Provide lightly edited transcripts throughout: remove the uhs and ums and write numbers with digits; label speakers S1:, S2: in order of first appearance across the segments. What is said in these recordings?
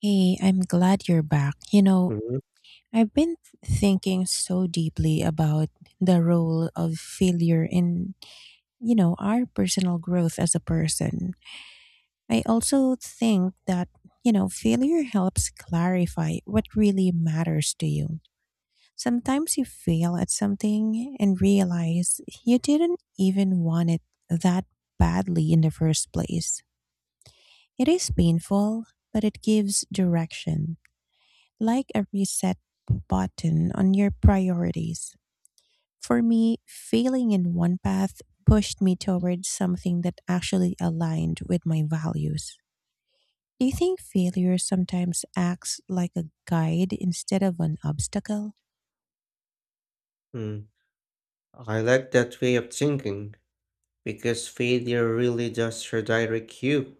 S1: Hey, I'm glad you're back. I've been thinking so deeply about the role of failure in, our personal growth as a person. I also think that failure helps clarify what really matters to you. Sometimes you fail at something and realize you didn't even want it that badly in the first place. It is painful, but it gives direction like a reset button on your priorities. For me, failing in one path pushed me towards something that actually aligned with my values. Do you think failure sometimes acts like a guide instead of an obstacle?
S2: Mhm. I like that way of thinking because failure really does redirect you.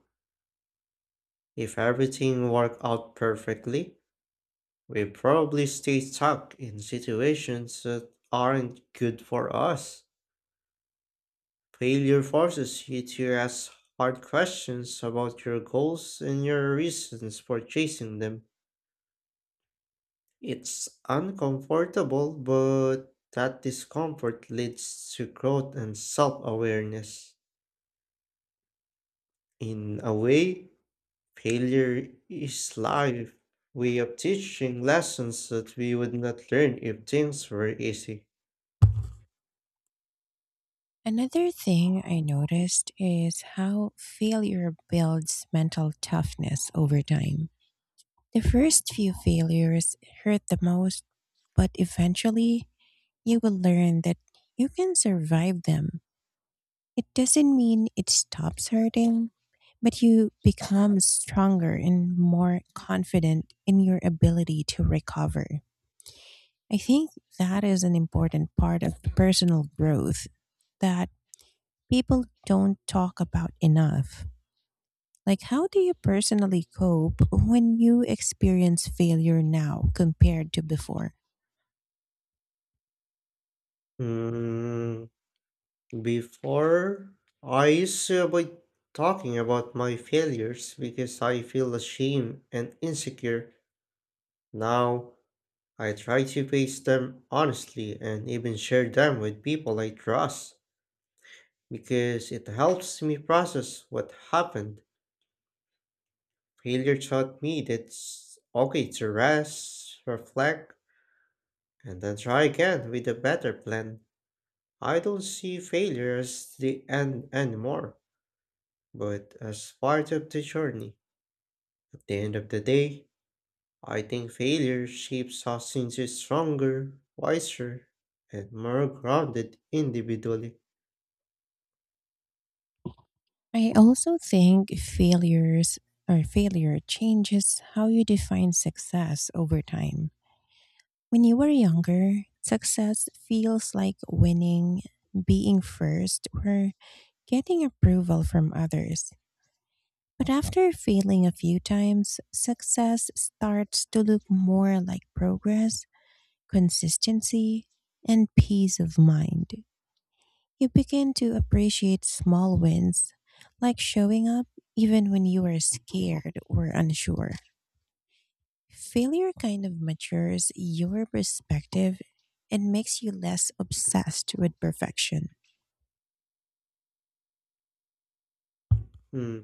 S2: If everything worked out perfectly, we probably stay stuck in situations that aren't good for us. Failure forces you to ask hard questions about your goals and your reasons for chasing them. It's uncomfortable, but that discomfort leads to growth and self awareness. In a way, failure is life way of teaching lessons that we would not learn if things were easy.
S1: Another thing I noticed is how failure builds mental toughness over time. The first few failures hurt the most, but eventually you will learn that you can survive them. It doesn't mean it stops hurting, but you become stronger and more confident in your ability to recover. I think that is an important part of personal growth that people don't talk about enough. Like, how do you personally cope when you experience failure now compared to before?
S2: Mm, before, I used to avoid talking about my failures because I feel ashamed and insecure. Now, I try to face them honestly and even share them with people I trust because it helps me process what happened. Failure taught me that it's okay to rest, reflect, and then try again with a better plan. I don't see failure as the end anymore, but as part of the journey. At the end of the day, I think failure shapes us into stronger, wiser, and more grounded individually.
S1: I also think failure changes how you define success over time. When you were younger, success feels like winning, being first, or getting approval from others. But after failing a few times, success starts to look more like progress, consistency, and peace of mind. You begin to appreciate small wins, like showing up even when you are scared or unsure. Failure kind of matures your perspective and makes you less obsessed with perfection.
S2: Hmm,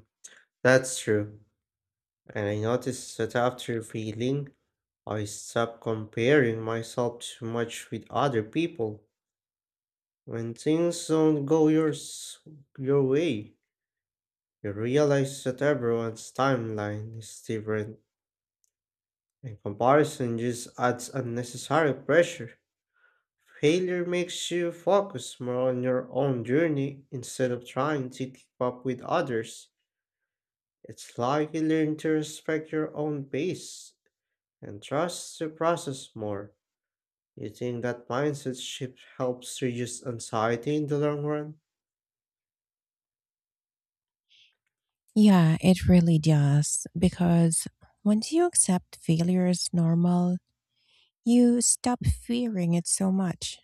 S2: that's true. And I noticed that after failing, I stopped comparing myself too much with other people. When things don't go your way, you realize that everyone's timeline is different, and comparison just adds unnecessary pressure. Failure makes you focus more on your own journey instead of trying to keep up with others. It's like you learn to respect your own pace and trust the process more. You think that mindset shift helps reduce anxiety in the long run?
S1: Yeah, it really does. Because once you accept failure as normal, you stop fearing it so much.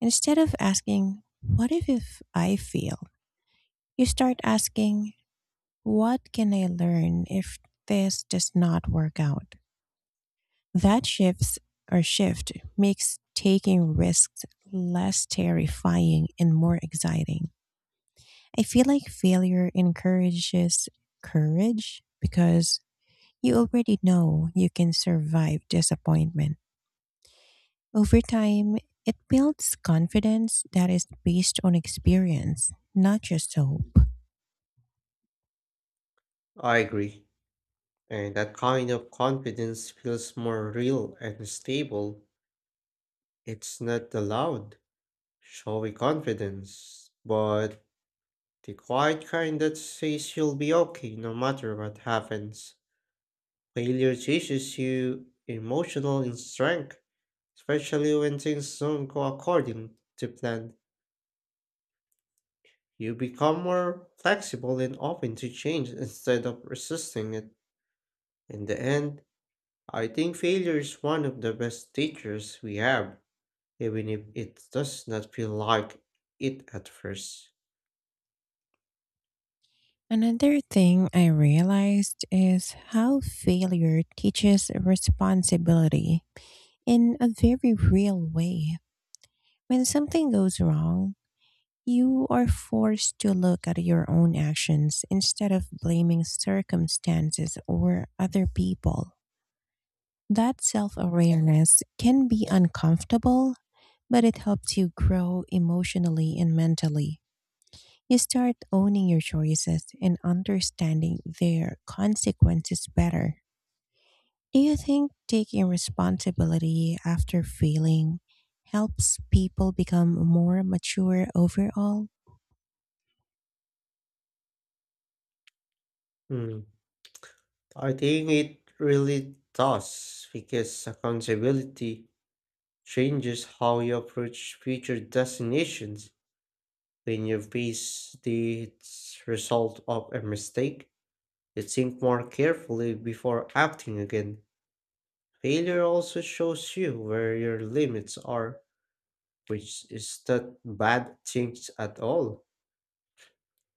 S1: Instead of asking, what if I fail? You start asking, what can I learn if this does not work out? That shift makes taking risks less terrifying and more exciting. I feel like failure encourages courage because you already know you can survive disappointment. Over time, it builds confidence that is based on experience, not just hope.
S2: I agree. And that kind of confidence feels more real and stable. It's not the loud, showy confidence, but the quiet kind that says you'll be okay no matter what happens. Failure teaches you emotional strength, especially when things don't go according to plan. You become more flexible and open to change instead of resisting it. In the end, I think failure is one of the best teachers we have, even if it does not feel like it at first.
S1: Another thing I realized is how failure teaches responsibility in a very real way. When something goes wrong, you are forced to look at your own actions instead of blaming circumstances or other people. That self awareness can be uncomfortable, but it helps you grow emotionally and mentally. You start owning your choices and understanding their consequences better. Do you think taking responsibility after failing helps people become more mature overall?
S2: Hmm. I think it really does because accountability changes how you approach future destinations. When you base the result of a mistake, you think more carefully before acting again. Failure also shows you where your limits are, which is not bad things at all.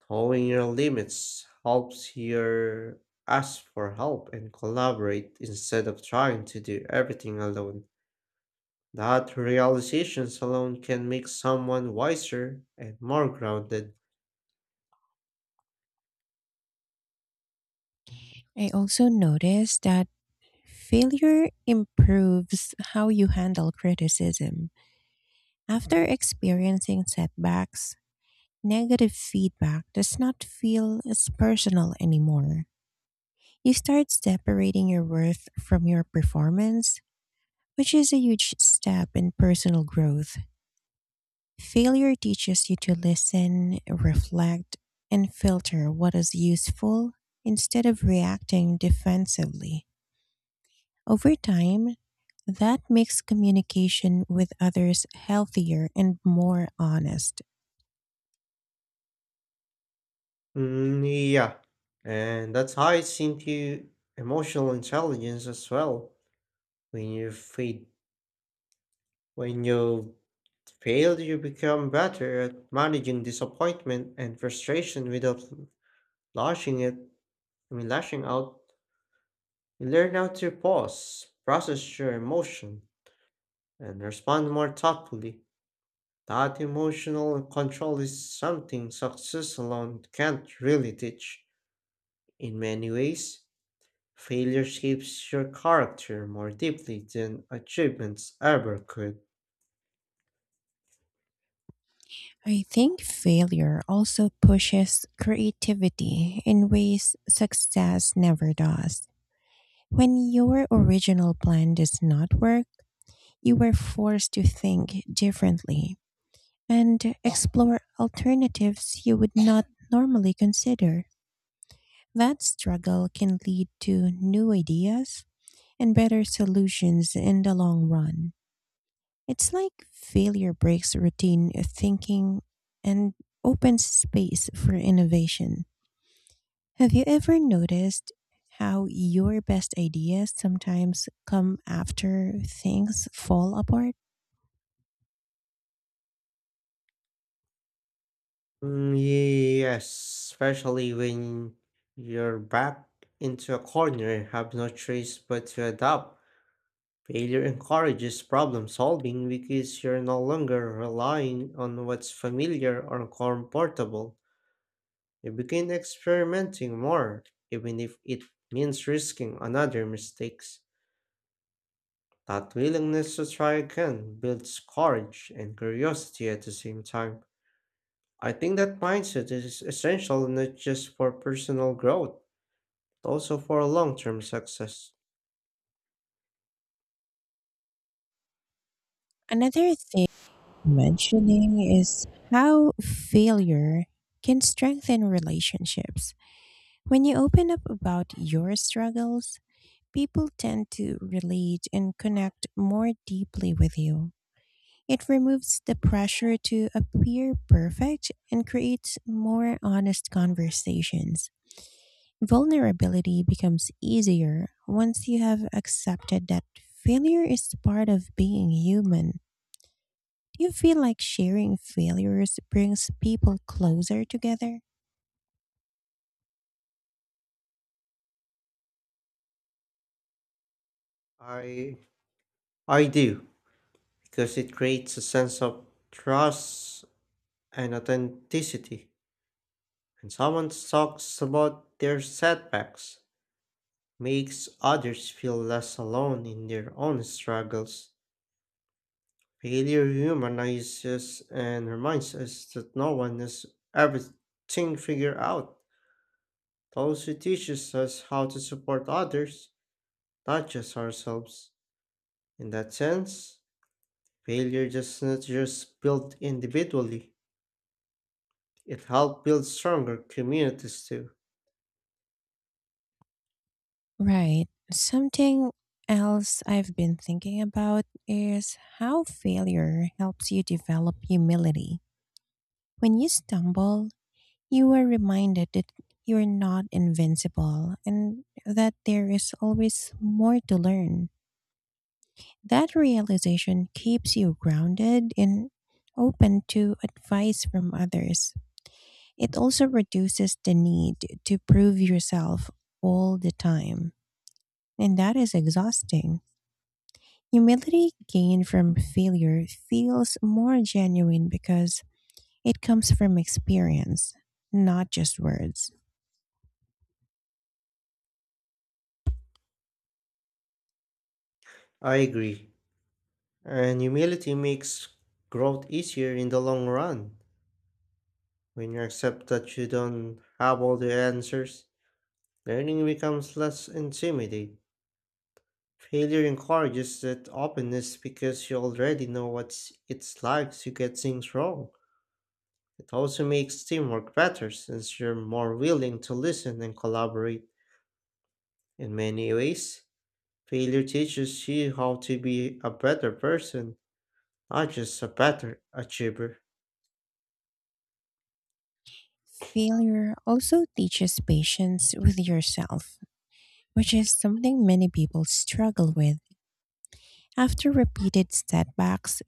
S2: Knowing your limits helps your ask for help and collaborate instead of trying to do everything alone. That realizations alone can make someone wiser and more grounded.
S1: I also noticed that failure improves how you handle criticism. After experiencing setbacks, negative feedback does not feel as personal anymore. You start separating your worth from your performance, which is a huge step in personal growth. Failure teaches you to listen, reflect, and filter what is useful instead of reacting defensively. Over time, that makes communication with others healthier and more honest.
S2: Mm, yeah, and that ties into emotional intelligence as well. When you feed, when you fail, you become better at managing disappointment and frustration without lashing it. I mean, lashing out. You learn how to pause, process your emotion, and respond more thoughtfully. That emotional control is something success alone can't really teach. In many ways, failure shapes your character more deeply than achievements ever could.
S1: I think failure also pushes creativity in ways success never does. When your original plan does not work, you were forced to think differently and explore alternatives you would not normally consider. That struggle can lead to new ideas and better solutions in the long run. It's like failure breaks routine thinking and opens space for innovation. Have you ever noticed how your best ideas sometimes come after things fall apart?
S2: Mm, yes, especially when you're back into a corner and have no choice but to adapt. Failure encourages problem solving because you're no longer relying on what's familiar or comfortable. You begin experimenting more, even if it means risking another mistakes. That willingness to try again builds courage and curiosity at the same time. I think that mindset is essential not just for personal growth, but also for long-term success.
S1: Another mentioning is how failure can strengthen relationships. When you open up about your struggles, people tend to relate and connect more deeply with you. It removes the pressure to appear perfect and creates more honest conversations. Vulnerability becomes easier once you have accepted that failure is part of being human. Do you feel like sharing failures brings people closer together?
S2: I I do because it creates a sense of trust and authenticity. When someone talks about their setbacks, makes others feel less alone in their own struggles. Failure humanizes and reminds us that no one has everything figured out. It also teaches us how to support others, not just ourselves. In that sense, failure does not just build individually, it helps build stronger communities too.
S1: Right. Something else I've been thinking about is how failure helps you develop humility. When you stumble, you are reminded that you're not invincible and that there is always more to learn. That realization keeps you grounded and open to advice from others. It also reduces the need to prove yourself all the time, and that is exhausting. Humility gained from failure feels more genuine because it comes from experience, not just words.
S2: I agree. And humility makes growth easier in the long run. When you accept that you don't have all the answers, learning becomes less intimidating. Failure encourages that openness because you already know what it's like to get things wrong. It also makes teamwork better since you're more willing to listen and collaborate. In many ways, failure teaches you how to be a better person, not just a better achiever.
S1: Failure also teaches patience with yourself, which is something many people struggle with. After repeated setbacks,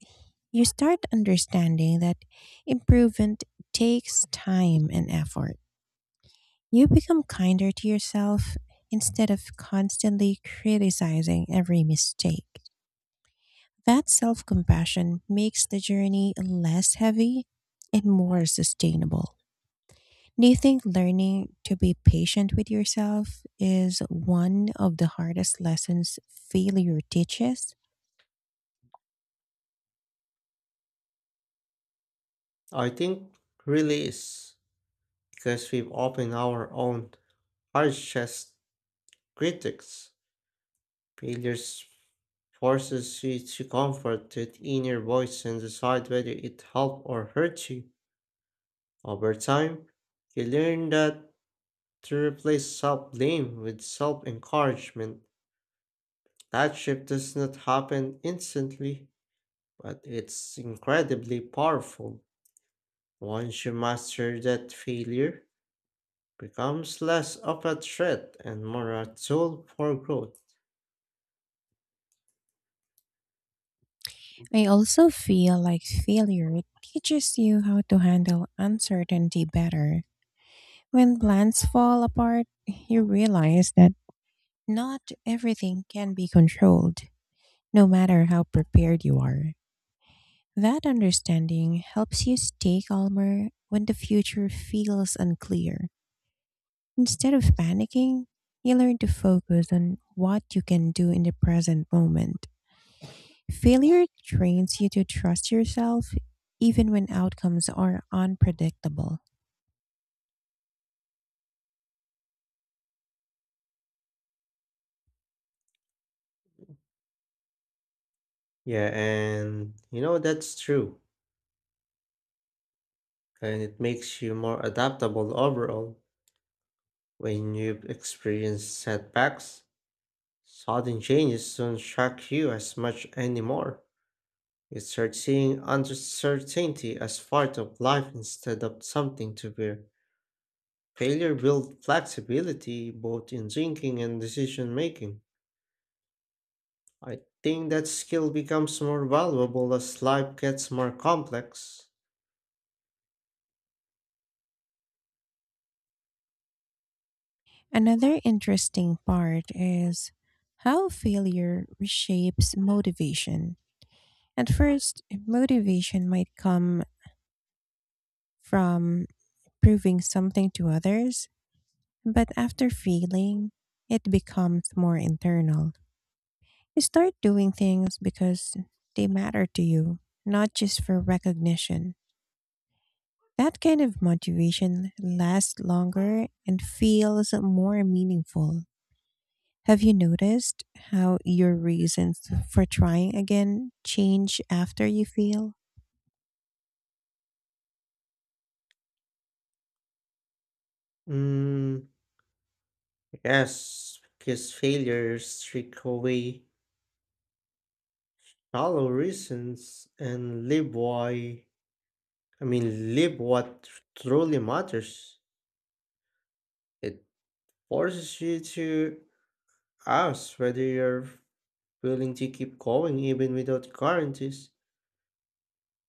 S1: you start understanding that improvement takes time and effort. You become kinder to yourself instead of constantly criticizing every mistake. That self compassion makes the journey less heavy and more sustainable. Do you think learning to be patient with yourself is one of the hardest lessons failure teaches?
S2: I think really is because we've often our own hard chest. Critics. Failures forces you to comfort that inner voice and decide whether it helped or hurt you. Over time, you learn that to replace self-blame with self-encouragement. That shift does not happen instantly, but it's incredibly powerful. Once you master that failure, becomes less of a threat and more a tool for growth.
S1: I also feel like failure teaches you how to handle uncertainty better. When plans fall apart, you realize that not everything can be controlled, no matter how prepared you are. That understanding helps you stay calmer when the future feels unclear. Instead of panicking, you learn to focus on what you can do in the present moment. Failure trains you to trust yourself even when outcomes are unpredictable.
S2: Yeah, and you know that's true. And it makes you more adaptable overall when you experience setbacks. Sudden changes don't shock you as much anymore. You start seeing uncertainty as part of life instead of something to fear. Failure builds flexibility both in thinking and decision making. I think that skill becomes more valuable as life gets more complex.
S1: Another interesting part is how failure reshapes motivation. At first, motivation might come from proving something to others, but after failing, it becomes more internal. You start doing things because they matter to you, not just for recognition. That kind of motivation lasts longer and feels more meaningful. Have you noticed how your reasons for trying again change after you fail?
S2: Mm, yes, because failures strip away hollow reasons and live why, I mean, live what truly matters. It forces you to ask whether you're willing to keep going even without guarantees.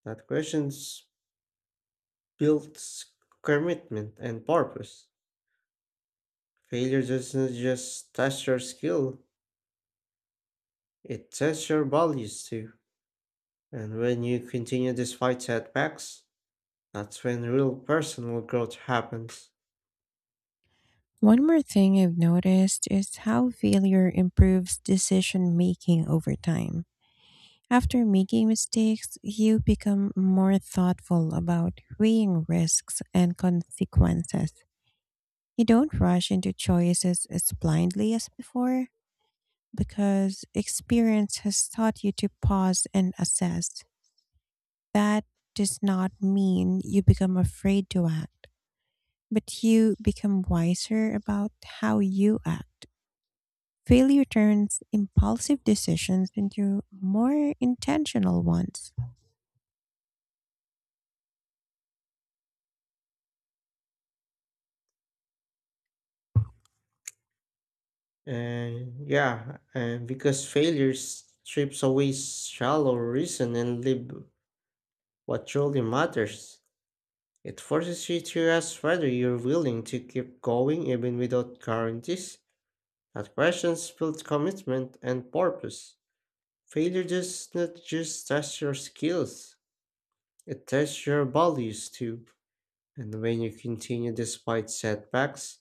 S2: That questions builds commitment and purpose. Failure doesn't just test your skill, it tests your values too. And when you continue despite setbacks, that's when real personal growth happens.
S1: One more thing I've noticed is how failure improves decision making over time. After making mistakes, you become more thoughtful about weighing risks and consequences. You don't rush into choices as blindly as before because experience has taught you to pause and assess. That does not mean you become afraid to act, but you become wiser about how you act. Failure turns impulsive decisions into more intentional ones.
S2: And yeah, and because failure strips away shallow reason and live what truly matters, it forces you to ask whether you're willing to keep going even without guarantees. That questions build commitment and purpose. Failure does not just test your skills, it tests your values too. And when you continue despite setbacks,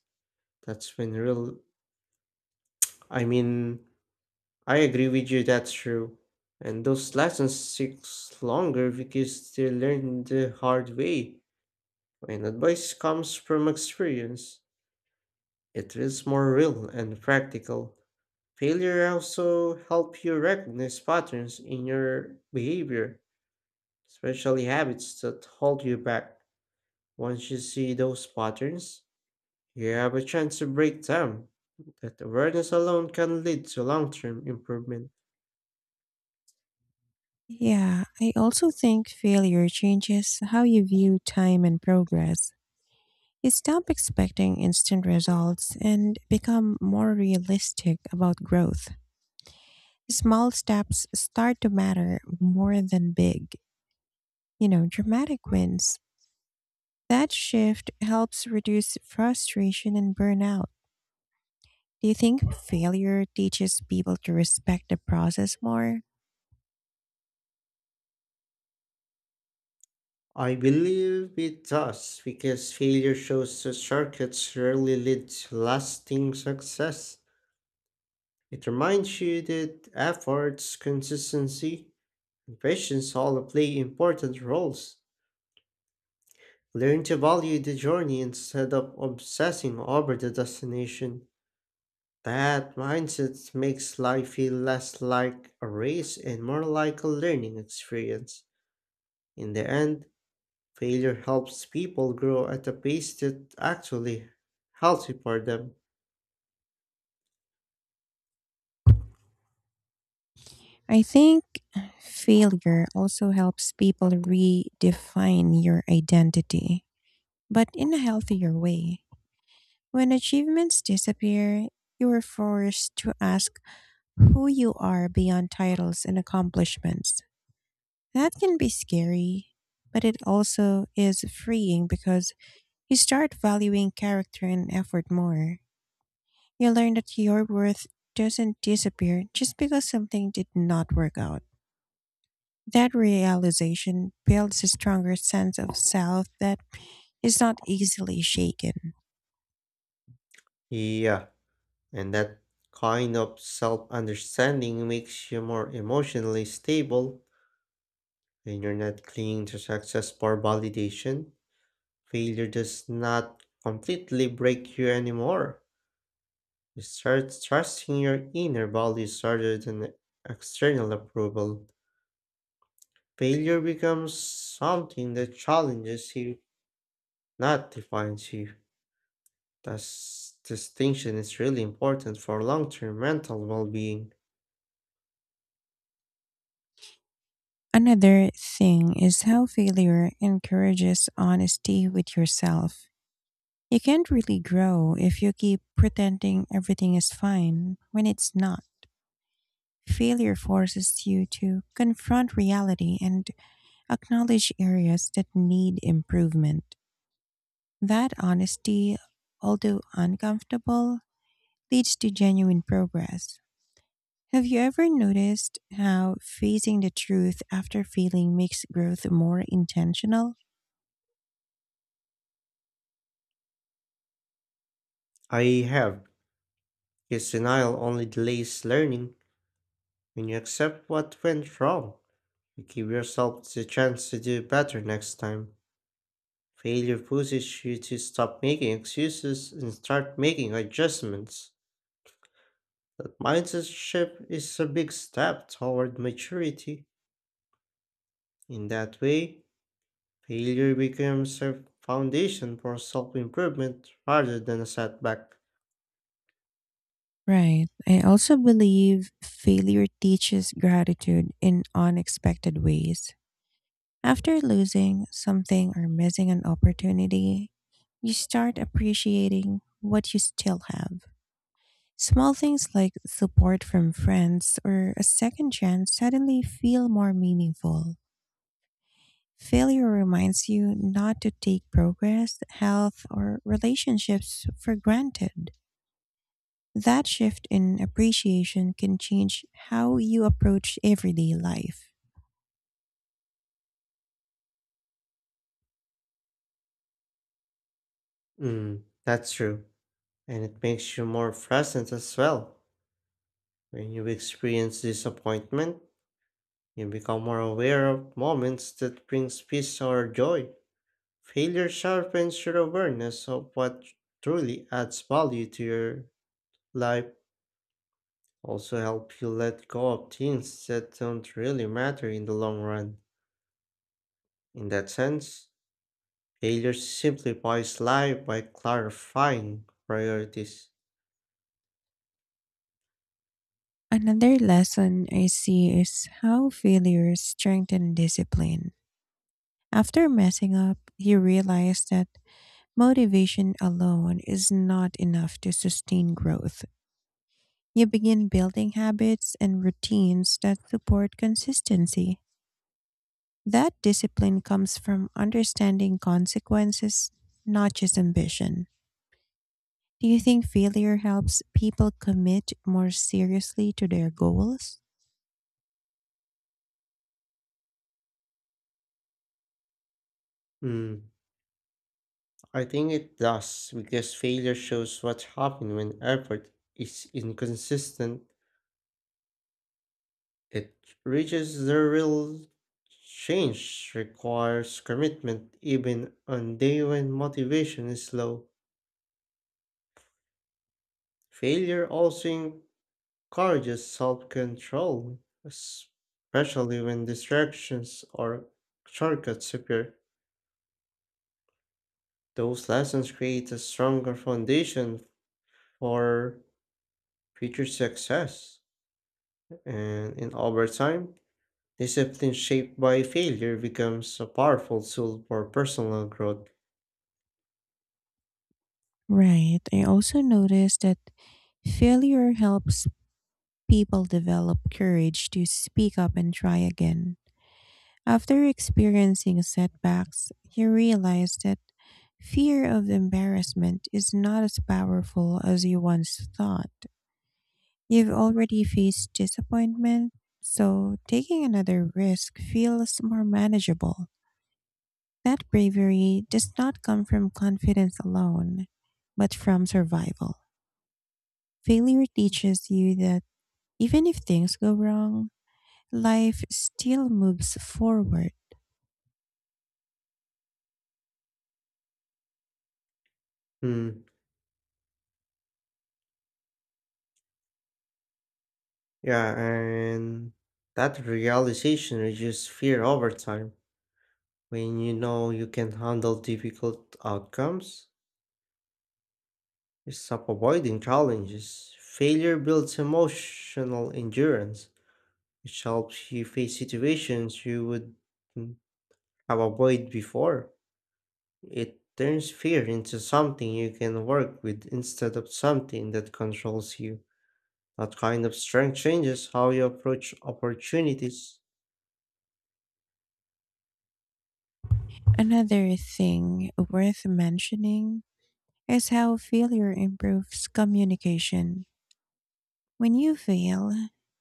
S2: that's when real I mean, I agree with you, that's true. And those lessons sticks longer because they learned the hard way. When advice comes from experience, it feels more real and practical. Failure also help you recognize patterns in your behavior, especially habits that hold you back. Once you see those patterns, you have a chance to break them. That awareness alone can lead to long term improvement.
S1: Yeah, I also think failure changes how you view time and progress. You stop expecting instant results and become more realistic about growth. Small steps start to matter more than big, dramatic wins. That shift helps reduce frustration and burnout. Do you think failure teaches people to respect the process more?
S2: I believe it does because failure shows that shortcuts rarely lead to lasting success. It reminds you that efforts, consistency, and patience all play important roles. Learn to value the journey instead of obsessing over the destination. That mindset makes life feel less like a race and more like a learning experience. In the end, failure helps people grow at a pace that actually healthy for them.
S1: I think failure also helps people redefine your identity, but in a healthier way. When achievements disappear, you are forced to ask who you are beyond titles and accomplishments. That can be scary, but it also is freeing because you start valuing character and effort more. You learn that your worth doesn't disappear just because something did not work out. That realization builds a stronger sense of self that is not easily shaken.
S2: Yeah, and that kind of self-understanding makes you more emotionally stable when you're not clinging to success for validation. Failure does not completely break you anymore. You start trusting your inner values rather than external approval. Failure becomes something that challenges you, not defines you. This distinction is really important for long term mental well being.
S1: Another thing is how failure encourages honesty with yourself. You can't really grow if you keep pretending everything is fine when it's not. Failure forces you to confront reality and acknowledge areas that need improvement. That honesty, although uncomfortable, leads to genuine progress. Have you ever noticed how facing the truth after failing makes growth more intentional?
S2: I have. Because denial only delays learning. When you accept what went wrong, you give yourself the chance to do better next time. Failure pushes you to stop making excuses and start making adjustments. That mindset shift is a big step toward maturity. In that way, failure becomes a foundation for self improvement rather than a setback.
S1: Right. I also believe failure teaches gratitude in unexpected ways. After losing something or missing an opportunity, you start appreciating what you still have. Small things like support from friends or a second chance suddenly feel more meaningful. Failure reminds you not to take progress, health, or relationships for granted. That shift in appreciation can change how you approach everyday life.
S2: Mm, that's true. And it makes you more present as well. When you experience disappointment, you become more aware of moments that brings peace or joy. Failure sharpens your awareness of what truly adds value to your life. Also help you let go of things that don't really matter in the long run. In that sense, failure simplifies life by clarifying priorities.
S1: Another lesson I see is how failures strengthen discipline. After messing up, you realize that motivation alone is not enough to sustain growth. You begin building habits and routines that support consistency. That discipline comes from understanding consequences, not just ambition. Do you think failure helps people commit more seriously to their goals?
S2: Mm, I think it does because failure shows what happens when effort is inconsistent. It reaches the real change requires commitment even on day when motivation is low. Failure also courage is self control, especially when distractions or shortcuts appear. Those lessons create a stronger foundation for future success. And in over time, discipline shaped by failure becomes a powerful tool for personal growth.
S1: Right. I also noticed that failure helps people develop courage to speak up and try again. After experiencing setbacks, you realize that fear of embarrassment is not as powerful as you once thought. You've already faced disappointment, so taking another risk feels more manageable. That bravery does not come from confidence alone, but from survival. Failure teaches you that even if things go wrong, life still moves forward.
S2: Hmm. Yeah, and that realization reduces fear over time. When you know you can handle difficult outcomes, stop avoiding challenges. Failure builds emotional endurance, which helps you face situations you would mm, have avoided before. It turns fear into something you can work with instead of something that controls you. That kind of strength changes how you approach opportunities.
S1: Another thing worth mentioning is how failure improves communication. When you fail,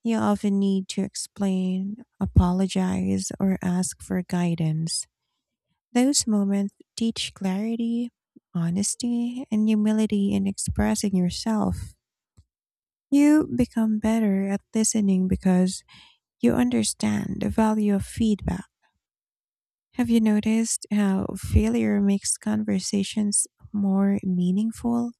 S1: you often need to explain, apologize, or ask for guidance. Those moments teach clarity, honesty, and humility in expressing yourself. You become better at listening because you understand the value of feedback. Have you noticed how failure makes conversations more meaningful?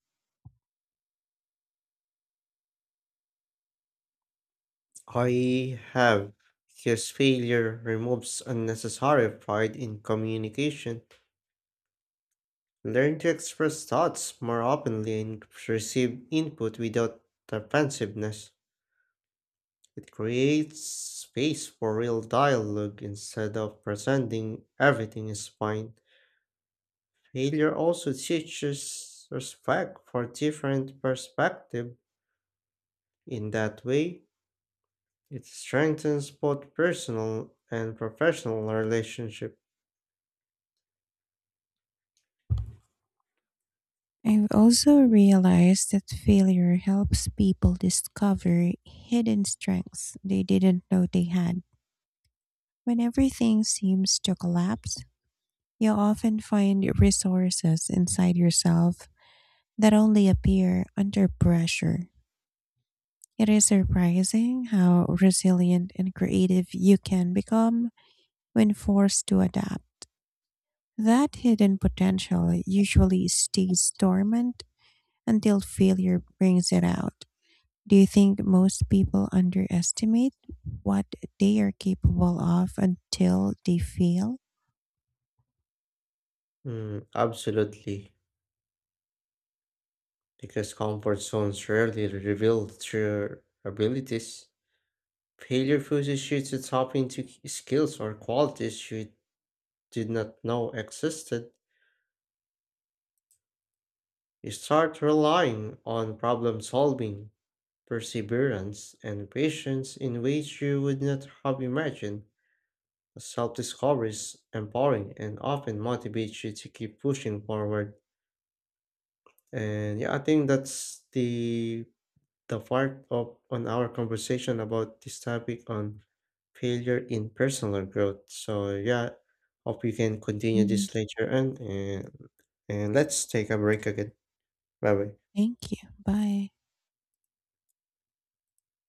S2: I have, because failure removes unnecessary pride in communication. Learn to express thoughts more openly and receive input without defensiveness. It creates space for real dialogue instead of pretending everything is fine. Failure also teaches respect for different perspective. In that way, it strengthens both personal and professional relationship.
S1: I've also realized that failure helps people discover hidden strengths they didn't know they had. When everything seems to collapse, you often find resources inside yourself that only appear under pressure. It is surprising how resilient and creative you can become when forced to adapt. That hidden potential usually stays dormant until failure brings it out. Do you think most people underestimate what they are capable of until they fail?
S2: Mm, absolutely, because comfort zones rarely reveal true abilities. Failure pushes you to tap into skills or qualities you did not know existed. You start relying on problem solving, perseverance, and patience in ways you would not have imagined. Self discovery is empowering and often motivates you to keep pushing forward. And yeah, I think that's the part of on our conversation about this topic on failure in personal growth. So yeah, hope we can continue
S1: Mhm.
S2: this later on and let's take a break again. Bye bye.
S1: Thank you. Bye.